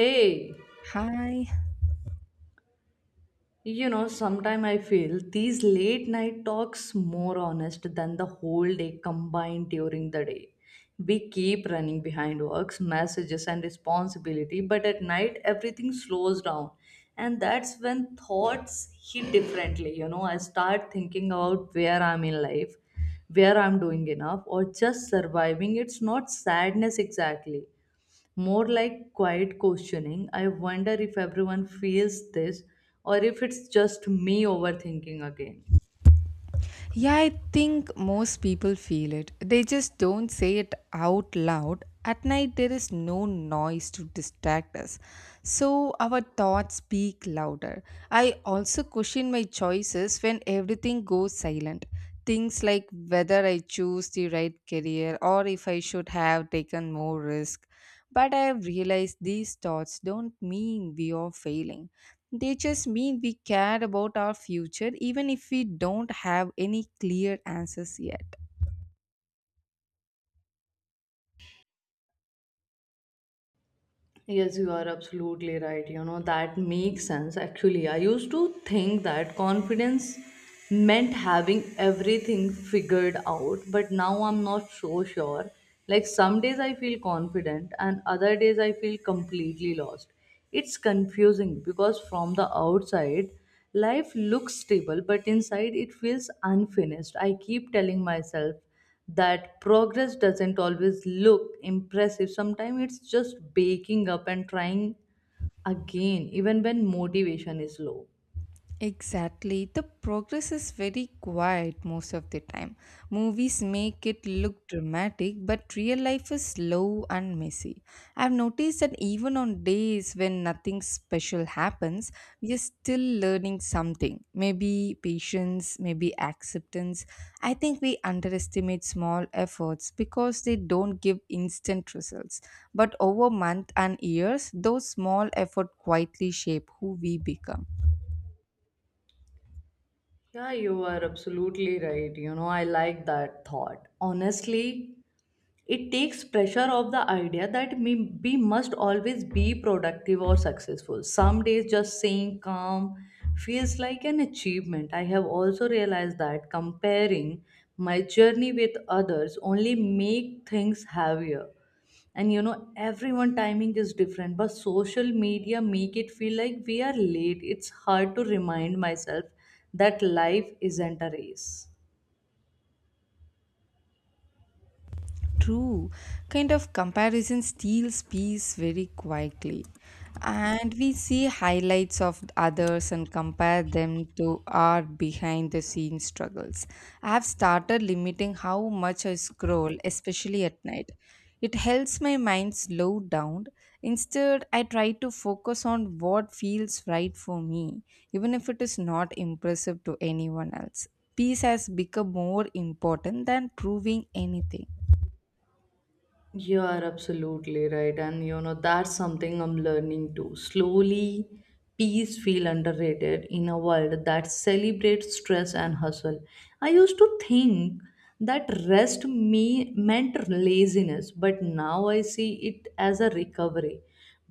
Hey, Hi. you know, sometimes I feel these late night talks more honest than the whole day combined during the day. We keep running behind works, messages, and responsibility, but at night everything slows down. And that's when thoughts hit differently. You know, I start thinking about where I'm in life, where I'm doing enough, or just surviving. It's not sadness exactly, more like quiet questioning. I wonder if everyone feels this or if it's just me overthinking again. Yeah, I think most people feel it. They just don't say it out loud. At night, there is no noise to distract us. So our thoughts speak louder. I also question my choices when everything goes silent. Things like whether I choose the right career or if I should have taken more risk. But I have realized these thoughts don't mean we are failing. They just mean we care about our future even if we don't have any clear answers yet. Yes, you are absolutely right. You know, that makes sense. Actually, I used to think that confidence meant having everything figured out, but now I'm not so sure. Like, some days I feel confident, and other days I feel completely lost. It's confusing because from the outside, life looks stable, but inside it feels unfinished. I keep telling myself that progress doesn't always look impressive. Sometimes it's just waking up and trying again, even when motivation is low. Exactly. The progress is very quiet most of the time. Movies make it look dramatic, but real life is slow and messy. I've noticed that even on days when nothing special happens, we are still learning something. Maybe patience, maybe acceptance. I think we underestimate small efforts because they don't give instant results. But over months and years, those small efforts quietly shape who we become. Yeah, you are absolutely right. You know, I like that thought. Honestly, it takes pressure of the idea that me, we must always be productive or successful, some days just saying calm feels like an achievement. I have also realized that comparing my journey with others only make things heavier, and you know everyone timing is different, but social media make it feel like we are late. It's hard to remind myself that life isn't a race. True, kind of comparison steals peace very quietly. And we see highlights of others and compare them to our behind the scenes struggles. I have started limiting how much I scroll, especially at night. It helps my mind slow down. Instead, I try to focus on what feels right for me, even if it is not impressive to anyone else. Peace has become more important than proving anything. You are absolutely right. And you know, that's something I'm learning too. Slowly, peace feel underrated in a world that celebrates stress and hustle. I used to think that rest me meant laziness, but now I see it as a recovery.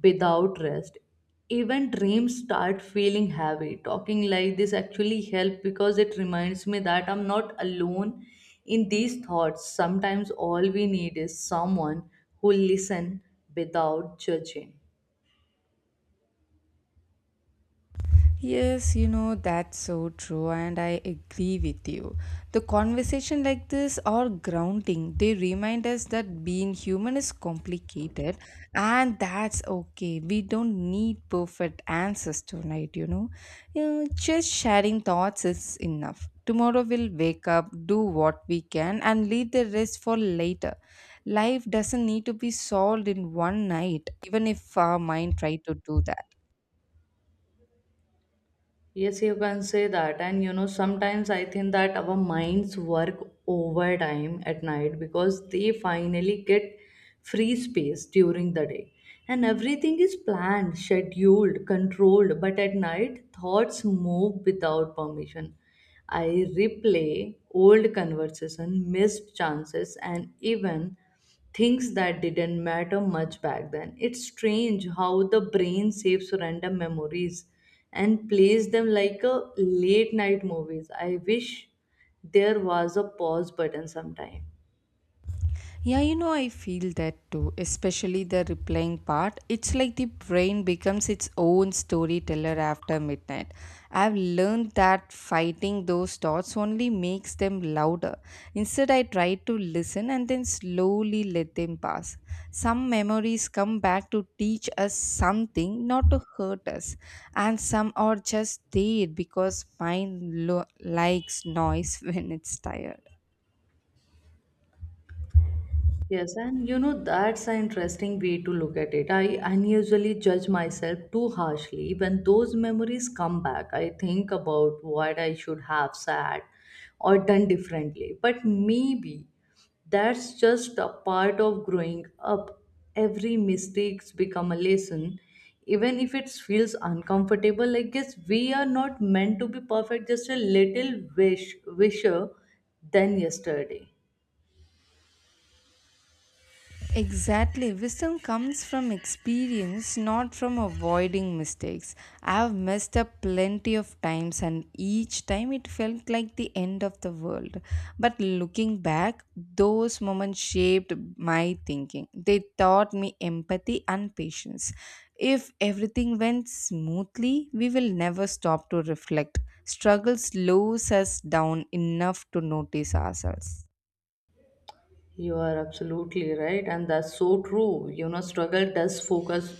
Without rest, even dreams start feeling heavy. Talking like this actually help because it reminds me that I'm not alone in these thoughts. Sometimes all we need is someone who listen without judging. Yes, that's so true, and I agree with you. The conversation like this are grounding. They remind us that being human is complicated, and that's okay. We don't need perfect answers tonight. Just sharing thoughts is enough. Tomorrow we'll wake up, do what we can, and leave the rest for later. Life doesn't need to be solved in one night, even if our mind try to do that. Yes, you can say that. And you know, sometimes I think that our minds work overtime at night because they finally get free space during the day. And everything is planned, scheduled, controlled. But at night, thoughts move without permission. I replay old conversation, missed chances, and even things that didn't matter much back then. It's strange how the brain saves random memories and plays them like a late night movies. I wish there was a pause button sometime. Yeah, I feel that too, especially the replaying part. It's like the brain becomes its own storyteller after midnight. I've learned that fighting those thoughts only makes them louder. Instead, I try to listen and then slowly let them pass. Some memories come back to teach us something, not to hurt us, and some are just there because mind likes noise when it's tired. Yes, and you know, that's an interesting way to look at it. I unusually judge myself too harshly. When those memories come back, I think about what I should have said or done differently. But maybe that's just a part of growing up. Every mistake's become a lesson. Even if it feels uncomfortable, I guess we are not meant to be perfect, just a little wisher than yesterday. Exactly. Wisdom comes from experience, not from avoiding mistakes. I've messed up plenty of times, and each time it felt like the end of the world. But looking back, those moments shaped my thinking. They taught me empathy and patience. If everything went smoothly, we will never stop to reflect. Struggle slows us down enough to notice ourselves. You are absolutely right, and that's so true. You know, struggle does focus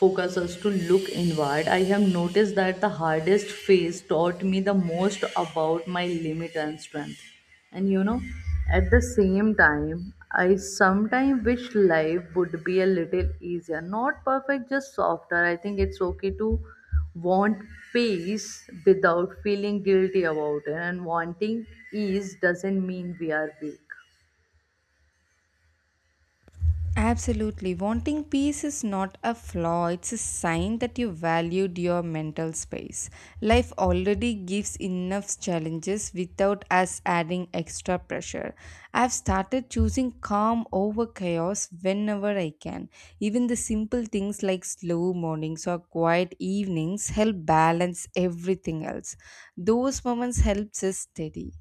focus us to look inward. I have noticed that the hardest phase taught me the most about my limit and strength. And you know, at the same time, I sometimes wish life would be a little easier. Not perfect, just softer. I think it's okay to want peace without feeling guilty about it. And wanting ease doesn't mean we are weak. Absolutely. Wanting peace is not a flaw, it's a sign that you valued your mental space. Life already gives enough challenges without us adding extra pressure. I've started choosing calm over chaos whenever I can. Even the simple things like slow mornings or quiet evenings help balance everything else. Those moments helps us steady.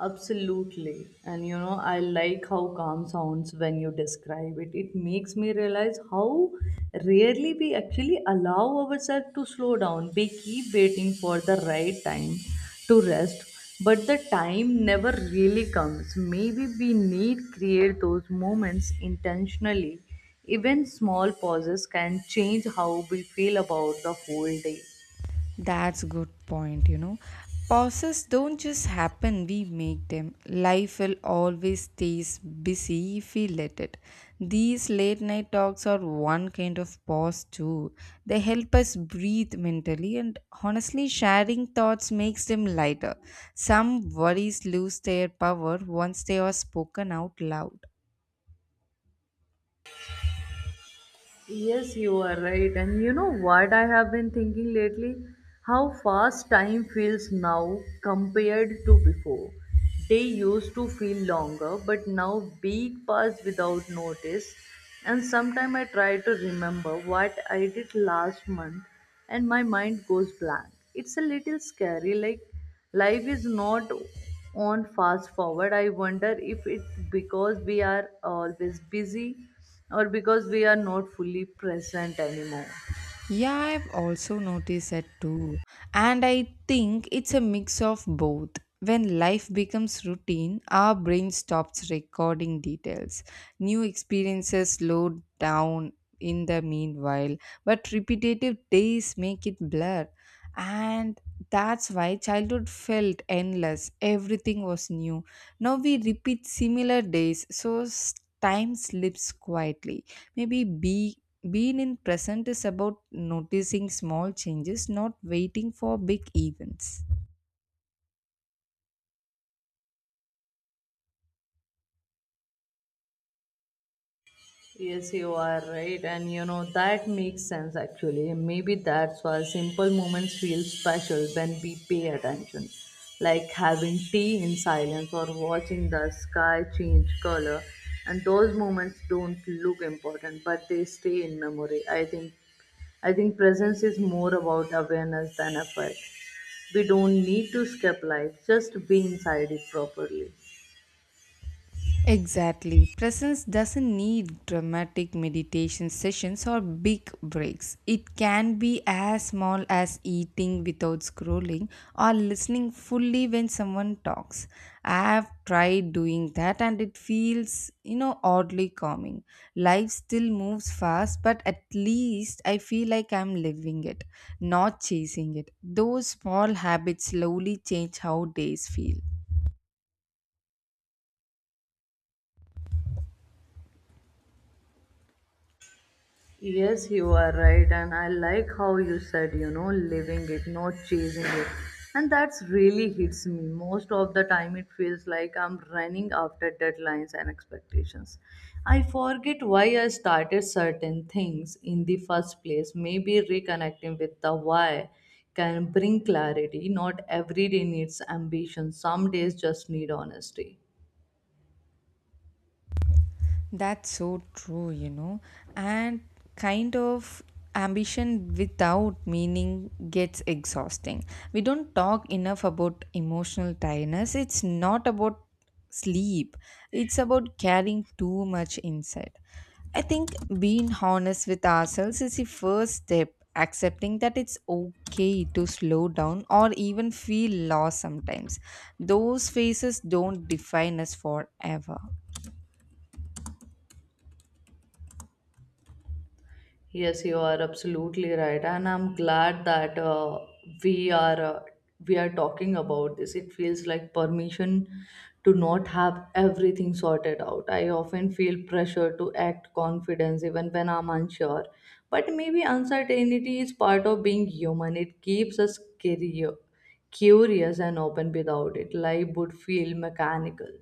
Absolutely. And you know, I like how calm sounds when you describe it. It makes me realize how rarely we actually allow ourselves to slow down. We keep waiting for the right time to rest, but the time never really comes. Maybe we need create those moments intentionally. Even small pauses can change how we feel about the whole day. That's good point. Pauses don't just happen, we make them. Life will always stays busy if we let it. These late night talks are one kind of pause too. They help us breathe mentally and honestly sharing thoughts makes them lighter. Some worries lose their power once they are spoken out loud. Yes, you are right. And you know what I have been thinking lately? How fast time feels now compared to before. They used to feel longer, but now week pass without notice. And sometimes I try to remember what I did last month, and my mind goes blank. It's a little scary, like life is not on fast forward. I wonder if it's because we are always busy or because we are not fully present anymore. Yeah, I've also noticed that too. And I think it's a mix of both. When life becomes routine, our brain stops recording details. New experiences slow down in the meanwhile, but repetitive days make it blur. And that's why childhood felt endless. Everything was new. Now we repeat similar days, so time slips quietly. Maybe be being in present is about noticing small changes, not waiting for big events. Yes, you are right, and you know that makes sense actually. Maybe that's why simple moments feel special when we pay attention, like having tea in silence or watching the sky change color. And those moments don't look important, but they stay in memory. I think presence is more about awareness than effort. We don't need to escape life; just be inside it properly. Exactly. Presence doesn't need dramatic meditation sessions or big breaks. It can be as small as eating without scrolling or listening fully when someone talks. I have tried doing that and it feels, oddly calming. Life still moves fast, but at least I feel like I'm living it, not chasing it. Those small habits slowly change how days feel. Yes, you are right, and I like how you said, you know, living it, not chasing it. And that's really hits me. Most of the time, it feels like I'm running after deadlines and expectations. I forget why I started certain things in the first place. Maybe reconnecting with the why can bring clarity. Not every day needs ambition, some days just need honesty. That's so true. And kind of ambition without meaning gets exhausting. We don't talk enough about emotional tiredness. It's not about sleep, it's about carrying too much inside. I think being honest with ourselves is the first step, accepting that it's okay to slow down or even feel lost sometimes. Those phases don't define us forever. Yes, you are absolutely right, and I'm glad that we are we are talking about this. It feels like permission to not have everything sorted out. I often feel pressure to act confident even when I'm unsure, but maybe uncertainty is part of being human. It keeps us curious and open. Without it, life would feel mechanical.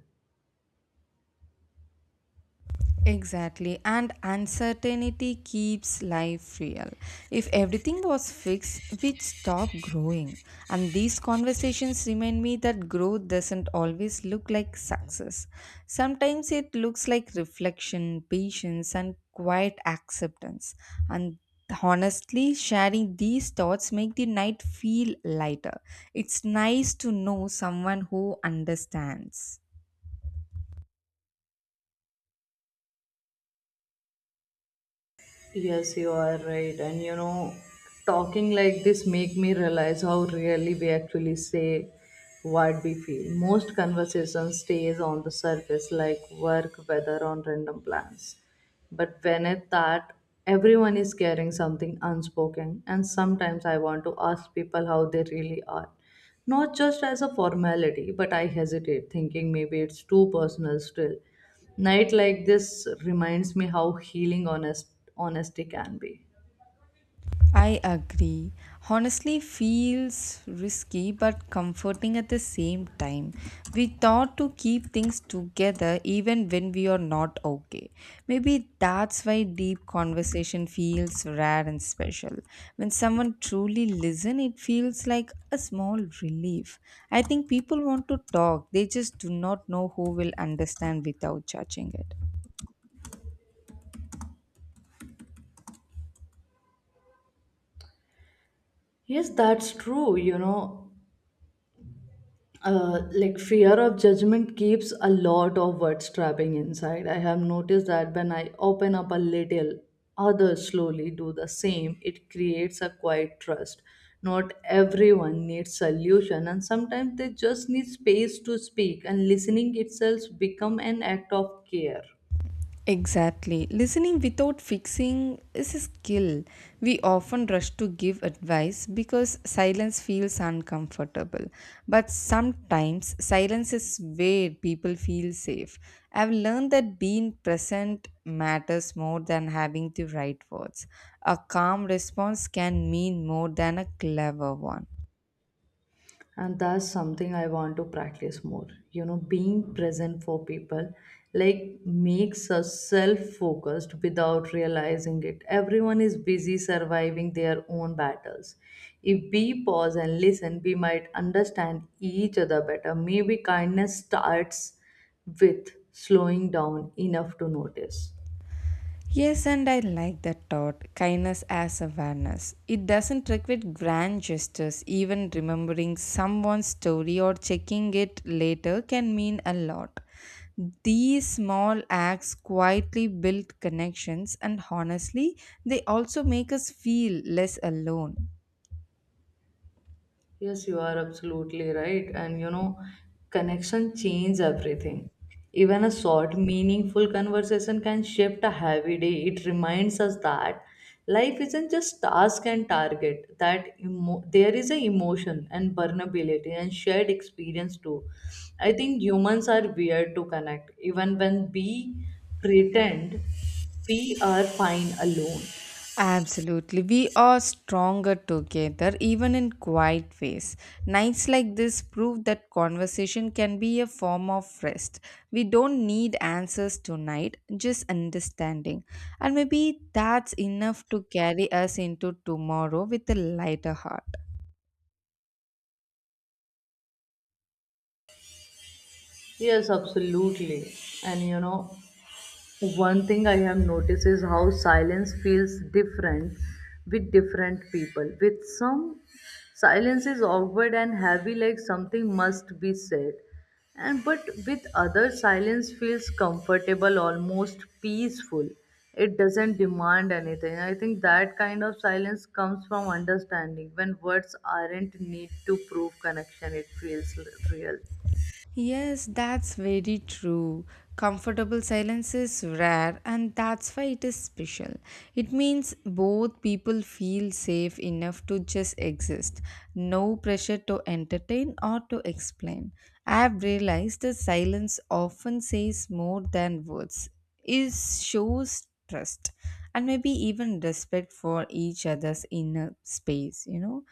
Exactly, and uncertainty keeps life real. If everything was fixed, we'd stop growing. And these conversations remind me that growth doesn't always look like success. Sometimes it looks like reflection, patience, and quiet acceptance. And honestly, sharing these thoughts make the night feel lighter. It's nice to know someone who understands. Yes, you are right. And you know, talking like this make me realize how rarely we actually say what we feel. Most conversation stays on the surface like work, weather on random plans. But beneath that, everyone is carrying something unspoken and sometimes I want to ask people how they really are, not just as a formality, but I hesitate, thinking maybe it's too personal still. Night like this reminds me how healing honesty can be. I agree. Honestly, feels risky but comforting at the same time. We thought to keep things together even when we are not okay. Maybe that's why deep conversation feels rare and special. When someone truly listens, it feels like a small relief. I think people want to talk, they just do not know who will understand without judging it. Yes, that's true. You know, like fear of judgment keeps a lot of words trapping inside. I have noticed that when I open up a little, others slowly do the same. It creates a quiet trust. Not everyone needs solution, and sometimes they just need space to speak. And listening itself become an act of care. Exactly. Listening without fixing is a skill. We often rush to give advice because silence feels uncomfortable. But sometimes silence is where people feel safe. I've learned that being present matters more than having the right words. A calm response can mean more than a clever one. And that's something I want to practice more, you know, being present for people, like makes us self focused without realizing it. Everyone is busy surviving their own battles. If we pause and listen, we might understand each other better. Maybe kindness starts with slowing down enough to notice. Yes, and I like that thought kindness as awareness. It doesn't require grand gestures, even remembering someone's story or checking it later can mean a lot. These small acts quietly build connections, and honestly, they also make us feel less alone. Yes, you are absolutely right. And you know, connection change everything. Even a short, meaningful conversation can shift a heavy day. It reminds us that life isn't just task and target, that there is a emotion and vulnerability and shared experience too. I think humans are weird to connect, even when we pretend we are fine alone. Absolutely. We are stronger together, even in quiet ways. Nights like this prove that conversation can be a form of rest. We don't need answers tonight, just understanding. And maybe that's enough to carry us into tomorrow with a lighter heart. Yes, absolutely. And you know, one thing I have noticed is how silence feels different with different people. With some, silence is awkward and heavy, like something must be said. And but with others, silence feels comfortable, almost peaceful. It doesn't demand anything. I think that kind of silence comes from understanding. When words aren't need to prove connection, it feels real. Yes, that's very true. Comfortable silence is rare, and that's why it is special. It means both people feel safe enough to just exist, no pressure to entertain or to explain. I have realized that silence often says more than words is shows trust and maybe even respect for each other's inner space you know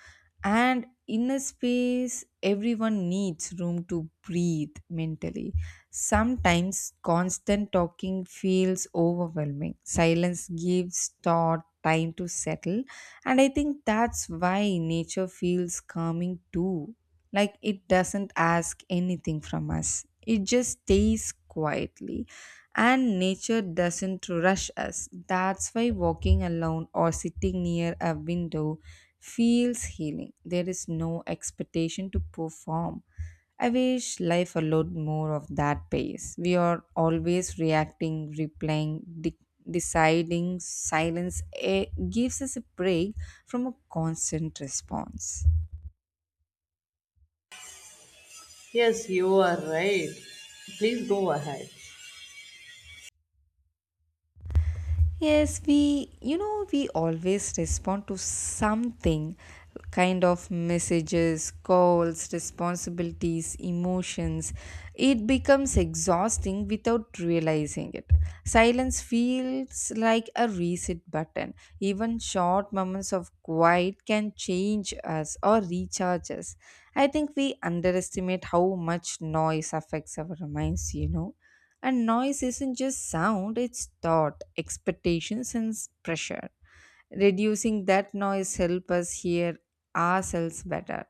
and inner space everyone needs room to breathe mentally. Sometimes constant talking feels overwhelming. Silence gives thought time to settle, and I think that's why nature feels calming too. Like, it doesn't ask anything from us, it just stays quietly, and nature doesn't rush us. That's why walking alone or sitting near a window feels healing. There is no expectation to perform. I wish life allowed more of that pace. We are always reacting, replaying, deciding. Silence gives us a break from a constant response. Yes, you are right. Please go ahead. Yes, we always respond to something kind of messages, calls, responsibilities, emotions. It becomes exhausting without realizing it. Silence feels like a reset button. Even short moments of quiet can change us or recharge us. I think we underestimate how much noise affects our minds. And noise isn't just sound, it's thought, expectations, and pressure. Reducing that noise help us hear ourselves better.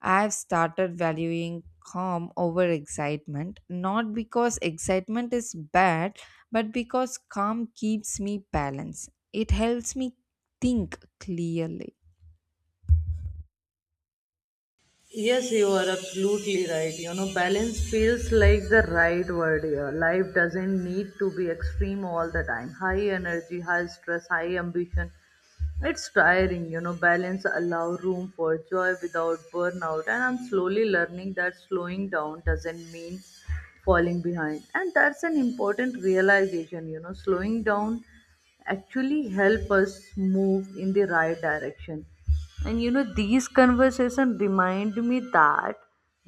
I've started valuing calm over excitement, not because excitement is bad, but because calm keeps me balanced. It helps me think clearly. Yes, you are absolutely right. You know, balance feels like the right word here. Life doesn't need to be extreme all the time. High energy, high stress, high ambition. It's tiring, you know. Balance allow room for joy without burnout. And I'm slowly learning that slowing down doesn't mean falling behind. And that's an important realization, you know. Slowing down actually help us move in the right direction. And you know, these conversations remind me that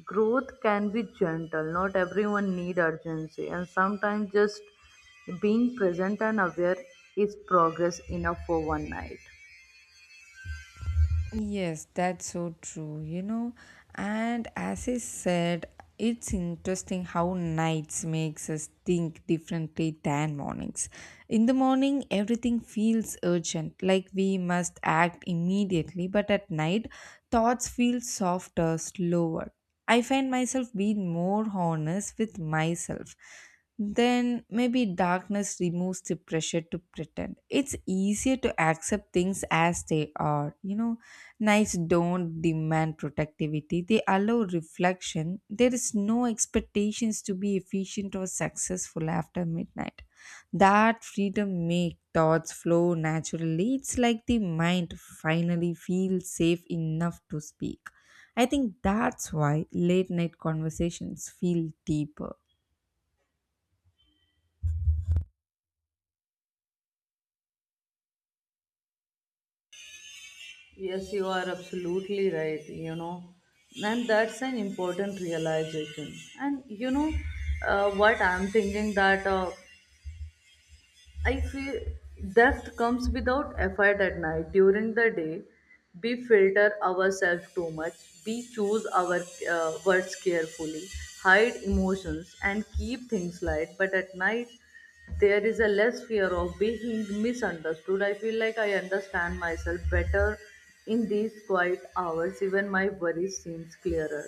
growth can be gentle. Not everyone need urgency, and sometimes just being present and aware is progress enough for one night. Yes, that's so true. And as I said, it's interesting how nights makes us think differently than mornings. In the morning, everything feels urgent, like we must act immediately, but at night, thoughts feel softer, slower. I find myself being more honest with myself then maybe darkness removes the pressure to pretend. It's easier to accept things as they are. Nights don't demand productivity, they allow reflection. There is no expectations to be efficient or successful after midnight. That freedom makes thoughts flow naturally. It's like the mind finally feels safe enough to speak. I think that's why late night conversations feel deeper. Yes, you are absolutely right, you know. And that's an important realization. And you know, what I'm thinking that I feel depth comes without effort at night. During the day, we filter ourselves too much. We choose our words carefully, hide emotions, and keep things light. But at night, there is a less fear of being misunderstood. I feel like I understand myself better in these quiet hours. Even my worries seems clearer.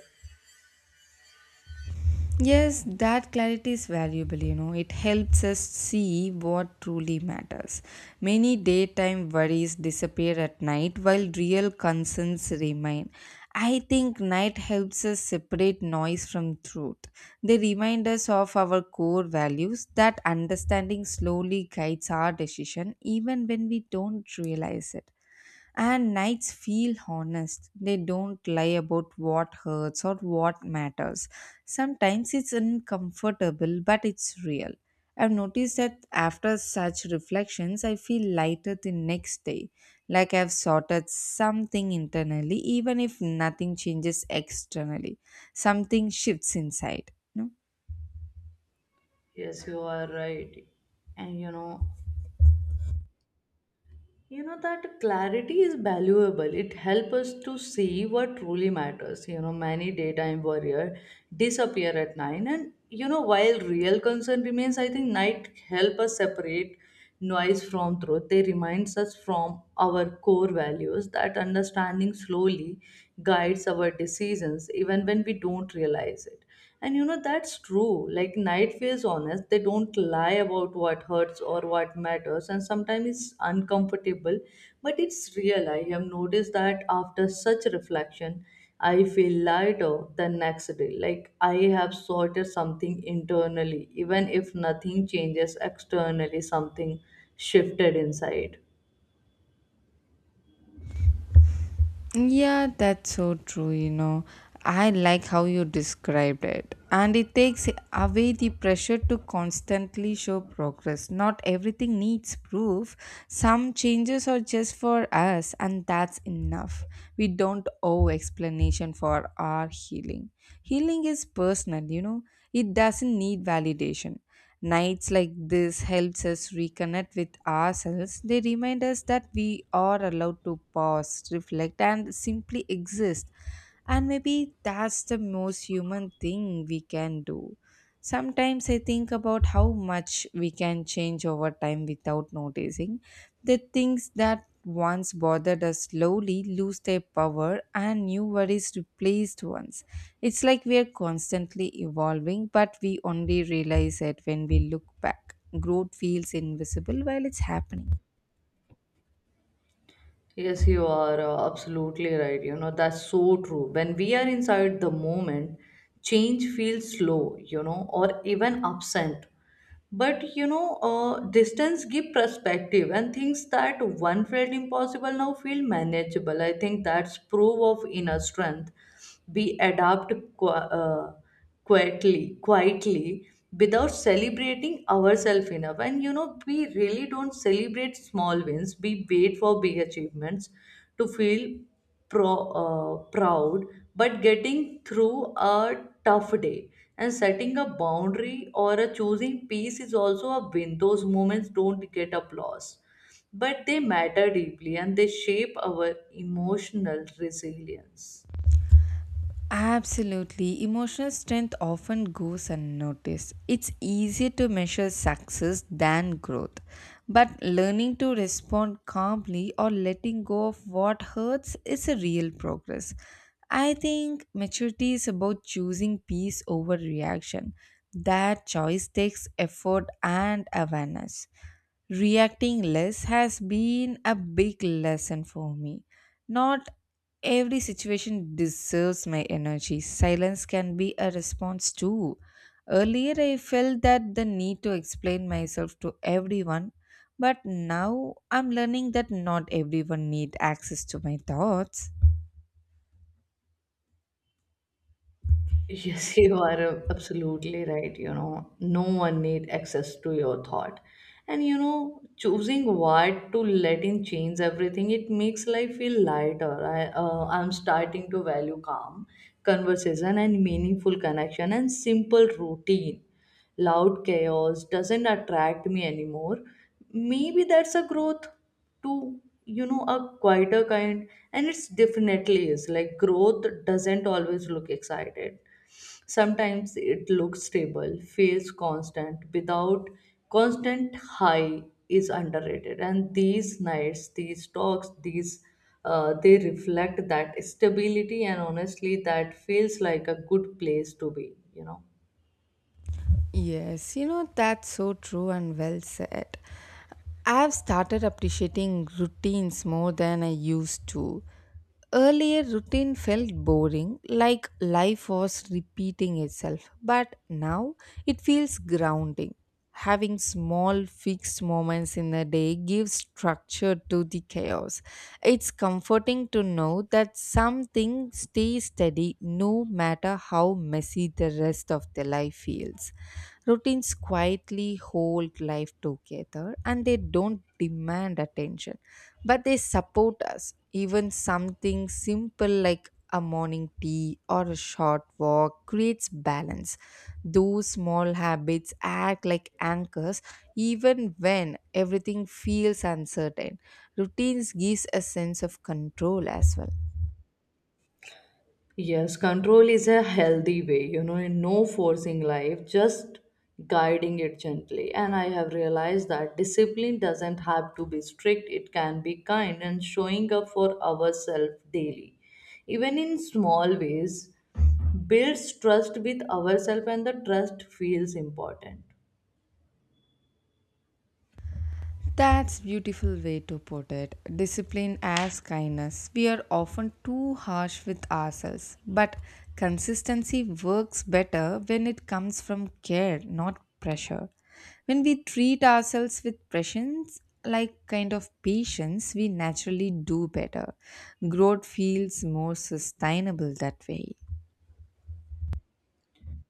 Yes, that clarity is valuable. It helps us see what truly matters. Many daytime worries disappear at night while real concerns remain. I think night helps us separate noise from truth. They remind us of our core values. That understanding slowly guides our decision even when we don't realize it. And nights feel honest. They don't lie about what hurts or what matters. Sometimes it's uncomfortable, but it's real. I've noticed that after such reflections, I feel lighter the next day, like I've sorted something internally, even if nothing changes externally. Something shifts inside. No? Yes, you are right. And you know, that clarity is valuable. It helps us to see what truly matters. You know, many daytime warrior disappear at nine, and you know, while real concern remains, I think night help us separate noise from truth. They reminds us from our core values. That understanding slowly guides our decisions, even when we don't realize it. And you know, that's true. Like night feels honest, they don't lie about what hurts or what matters, and sometimes it's uncomfortable, but it's real. I have noticed that after such reflection, I feel lighter the next day. Like I have sorted something internally, even if nothing changes externally, something shifted inside. Yeah, that's so true. I like how you described it. And it takes away the pressure to constantly show progress. Not everything needs proof. Some changes are just for us, and that's enough. We don't owe explanation for our healing. Healing is personal, it doesn't need validation. Nights like this helps us reconnect with ourselves. They remind us that we are allowed to pause, reflect and simply exist. And maybe that's the most human thing we can do. Sometimes I think about how much we can change over time without noticing. The things that once bothered us slowly lose their power and new worries replaced ones. It's like we are constantly evolving, but we only realize it when we look back. Growth feels invisible while it's happening. Yes, you are absolutely right. You know, that's so true. When we are inside the moment, change feels slow, you know, or even absent. But, you know, distance give perspective and things that one felt impossible now feel manageable. I think that's proof of inner strength. We adapt quietly without celebrating ourselves enough. And we really don't celebrate small wins. We wait for big achievements to feel pro, proud. But getting through a tough day and setting a boundary or a choosing peace is also a win. Those moments don't get applause, but they matter deeply and they shape our emotional resilience. Absolutely. Emotional strength often goes unnoticed. It's easier to measure success than growth. But learning to respond calmly or letting go of what hurts is a real progress. I think maturity is about choosing peace over reaction. That choice takes effort and awareness. Reacting less has been a big lesson for me. Not every situation deserves my energy. Silence can be a response too. Earlier, I felt that the need to explain myself to everyone, but now I'm learning that not everyone needs access to my thoughts. Yes, you are absolutely right. You know, no one need access to your thought. And you know, choosing what to let in change everything. It makes life feel lighter. I'm starting to value calm conversation and meaningful connection and simple routine. Loud chaos doesn't attract me anymore. Maybe that's a growth to, you know, a quieter kind. And it's definitely is like growth doesn't always look excited. Sometimes it looks stable, feels constant. Without constant high is underrated. And these nights, these talks, these they reflect that stability, and honestly that feels like a good place to be, you know. Yes, you know, that's so true and well said. I've started appreciating routines more than I used to. Earlier, routine felt boring, like life was repeating itself, but now it feels grounding. Having small fixed moments in the day gives structure to the chaos. It's comforting to know that something stays steady no matter how messy the rest of the life feels. Routines quietly hold life together and they don't demand attention, but they support us. Even something simple like a morning tea or a short walk creates balance. Those small habits act like anchors even when everything feels uncertain. Routines gives a sense of control as well. Yes, control is a healthy way, you know, in no forcing life, just guiding it gently. And I have realized that discipline doesn't have to be strict, it can be kind, and showing up for ourselves daily. Even in small ways, builds trust with ourselves, and the trust feels important. That's beautiful way to put it. Discipline as kindness. We are often too harsh with ourselves, but consistency works better when it comes from care, not pressure. When we treat ourselves with patience, like kind of patience, we naturally do better. Growth feels more sustainable that way.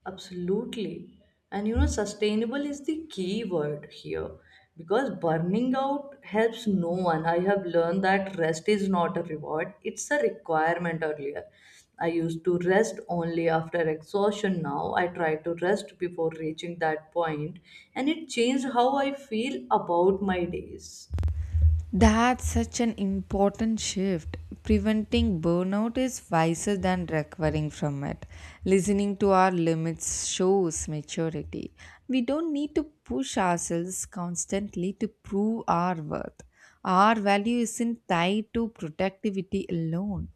Absolutely. And you know, sustainable is the key word here, because burning out helps no one. I have learned that rest is not a reward, it's a requirement. Earlier, I used to rest only after exhaustion. Now I try to rest before reaching that point, and it changed how I feel about my days. That's such an important shift. Preventing burnout is wiser than recovering from it. Listening to our limits shows maturity. We don't need to push ourselves constantly to prove our worth. Our value isn't tied to productivity alone.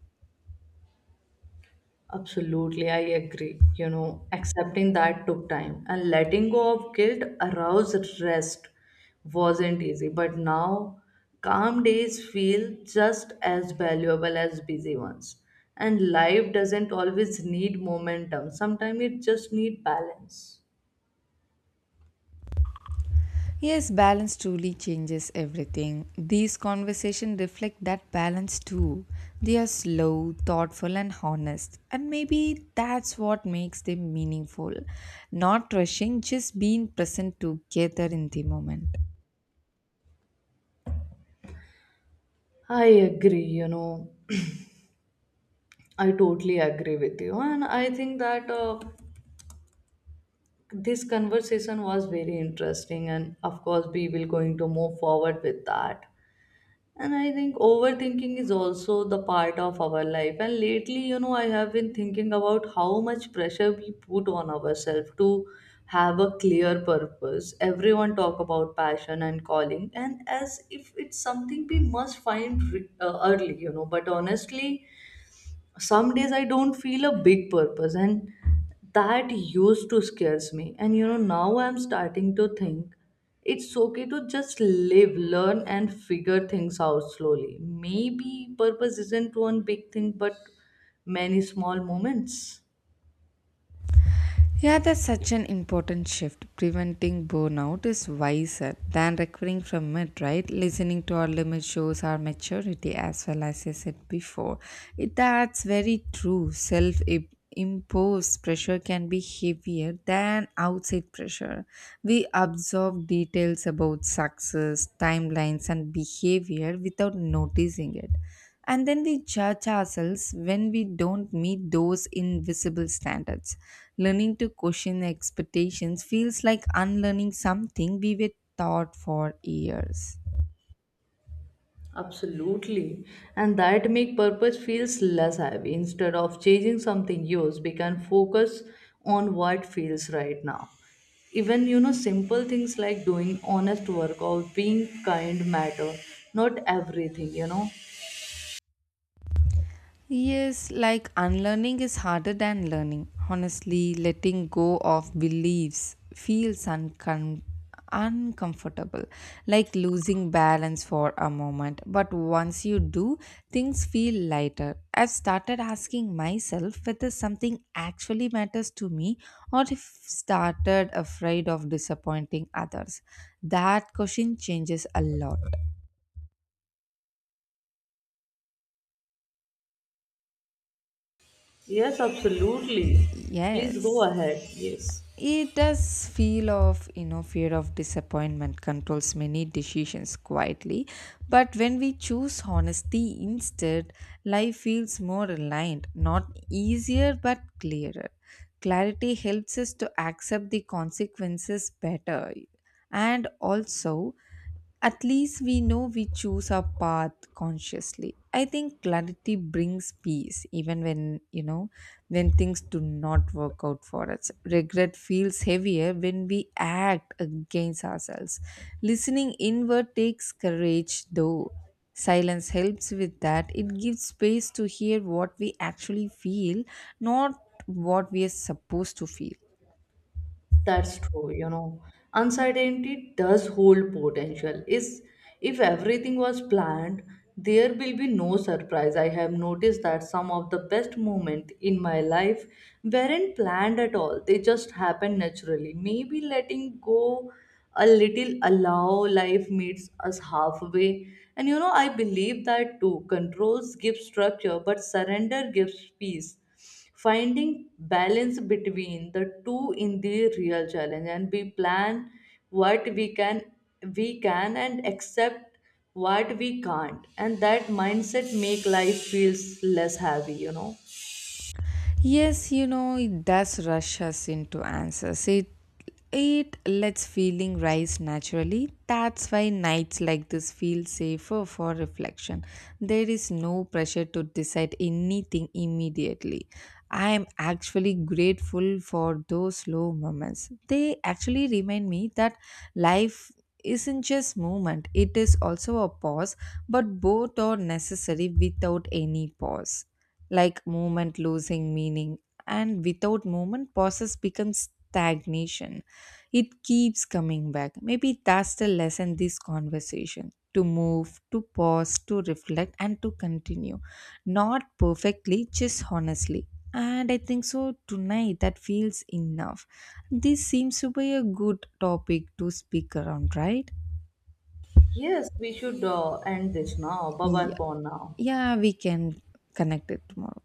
Absolutely, I agree. You know, accepting that took time, and letting go of guilt aroused rest wasn't easy. But now, calm days feel just as valuable as busy ones. And life doesn't always need momentum, sometimes it just needs balance. Yes, balance truly changes everything. These conversations reflect that balance too. They are slow, thoughtful, and honest. And maybe that's what makes them meaningful. Not rushing, just being present together in the moment. I agree, you know, I totally agree with you. And I think that this conversation was very interesting. And of course, we will going to move forward with that. And I think overthinking is also the part of our life. And lately, you know, I have been thinking about how much pressure we put on ourselves to have a clear purpose. Everyone talk about passion and calling, and as if it's something we must find early, you know. But honestly, some days I don't feel a big purpose, and that used to scares me. And you know, now I'm starting to think it's okay to just live, learn and figure things out slowly. Maybe purpose isn't one big thing, but many small moments. Yeah, that's such an important shift. Preventing burnout is wiser than recovering from it, right? Listening to our limits shows our maturity, as well as I said before. It, that's very true. Self imposed pressure can be heavier than outside pressure. We absorb details about success, timelines, and behavior without noticing it. And then we judge ourselves when we don't meet those invisible standards. Learning to question expectations feels like unlearning something we were taught for years. Absolutely. And that make purpose feels less heavy. Instead of chasing something used, we can focus on what feels right now. Even you know, simple things like doing honest work or being kind matter. Not everything, you know. Yes, like unlearning is harder than learning. Honestly, letting go of beliefs feels uncomfortable, like losing balance for a moment. But once you do, things feel lighter. I've started asking myself whether something actually matters to me or if started afraid of disappointing others. That question changes a lot. Yes, absolutely. Please go Yes. ahead. Yes. It does feel of, you know, fear of disappointment controls many decisions quietly, but when we choose honesty instead, life feels more aligned, not easier but clearer. Clarity helps us to accept the consequences better, and also at least we know we choose our path consciously. I think clarity brings peace, even when you know, when things do not work out for us. Regret feels heavier when we act against ourselves. Listening inward takes courage, though. Silence helps with that. It gives space to hear what we actually feel, not what we are supposed to feel. That's true, you know. Uncertainty does hold potential. Is if everything was planned, there will be no surprise. I have noticed that some of the best moments in my life weren't planned at all. They just happened naturally. Maybe letting go a little allow life meets us halfway. And you know, I believe that too. Controls give structure, but surrender gives peace. Finding balance between the two in the real challenge. And we plan what we can, and accept what we can't. And that mindset make life feels less heavy, you know. Yes, you know, it does rush us into answers. It lets feeling rise naturally. That's why nights like this feel safer for reflection. There is no pressure to decide anything immediately. I am actually grateful for those slow moments. They actually remind me that life isn't just movement, it is also a pause, but both are necessary. Without any pause, like movement losing meaning, and without movement process becomes stagnation. It keeps coming back. Maybe that's the lesson this conversation: to move, to pause, to reflect, and to continue, not perfectly, just honestly. And I think so tonight that feels enough. This seems to be a good topic to speak around, right? Yes, we should end this now. Bye bye Yeah, for now. yeah we can connect it tomorrow.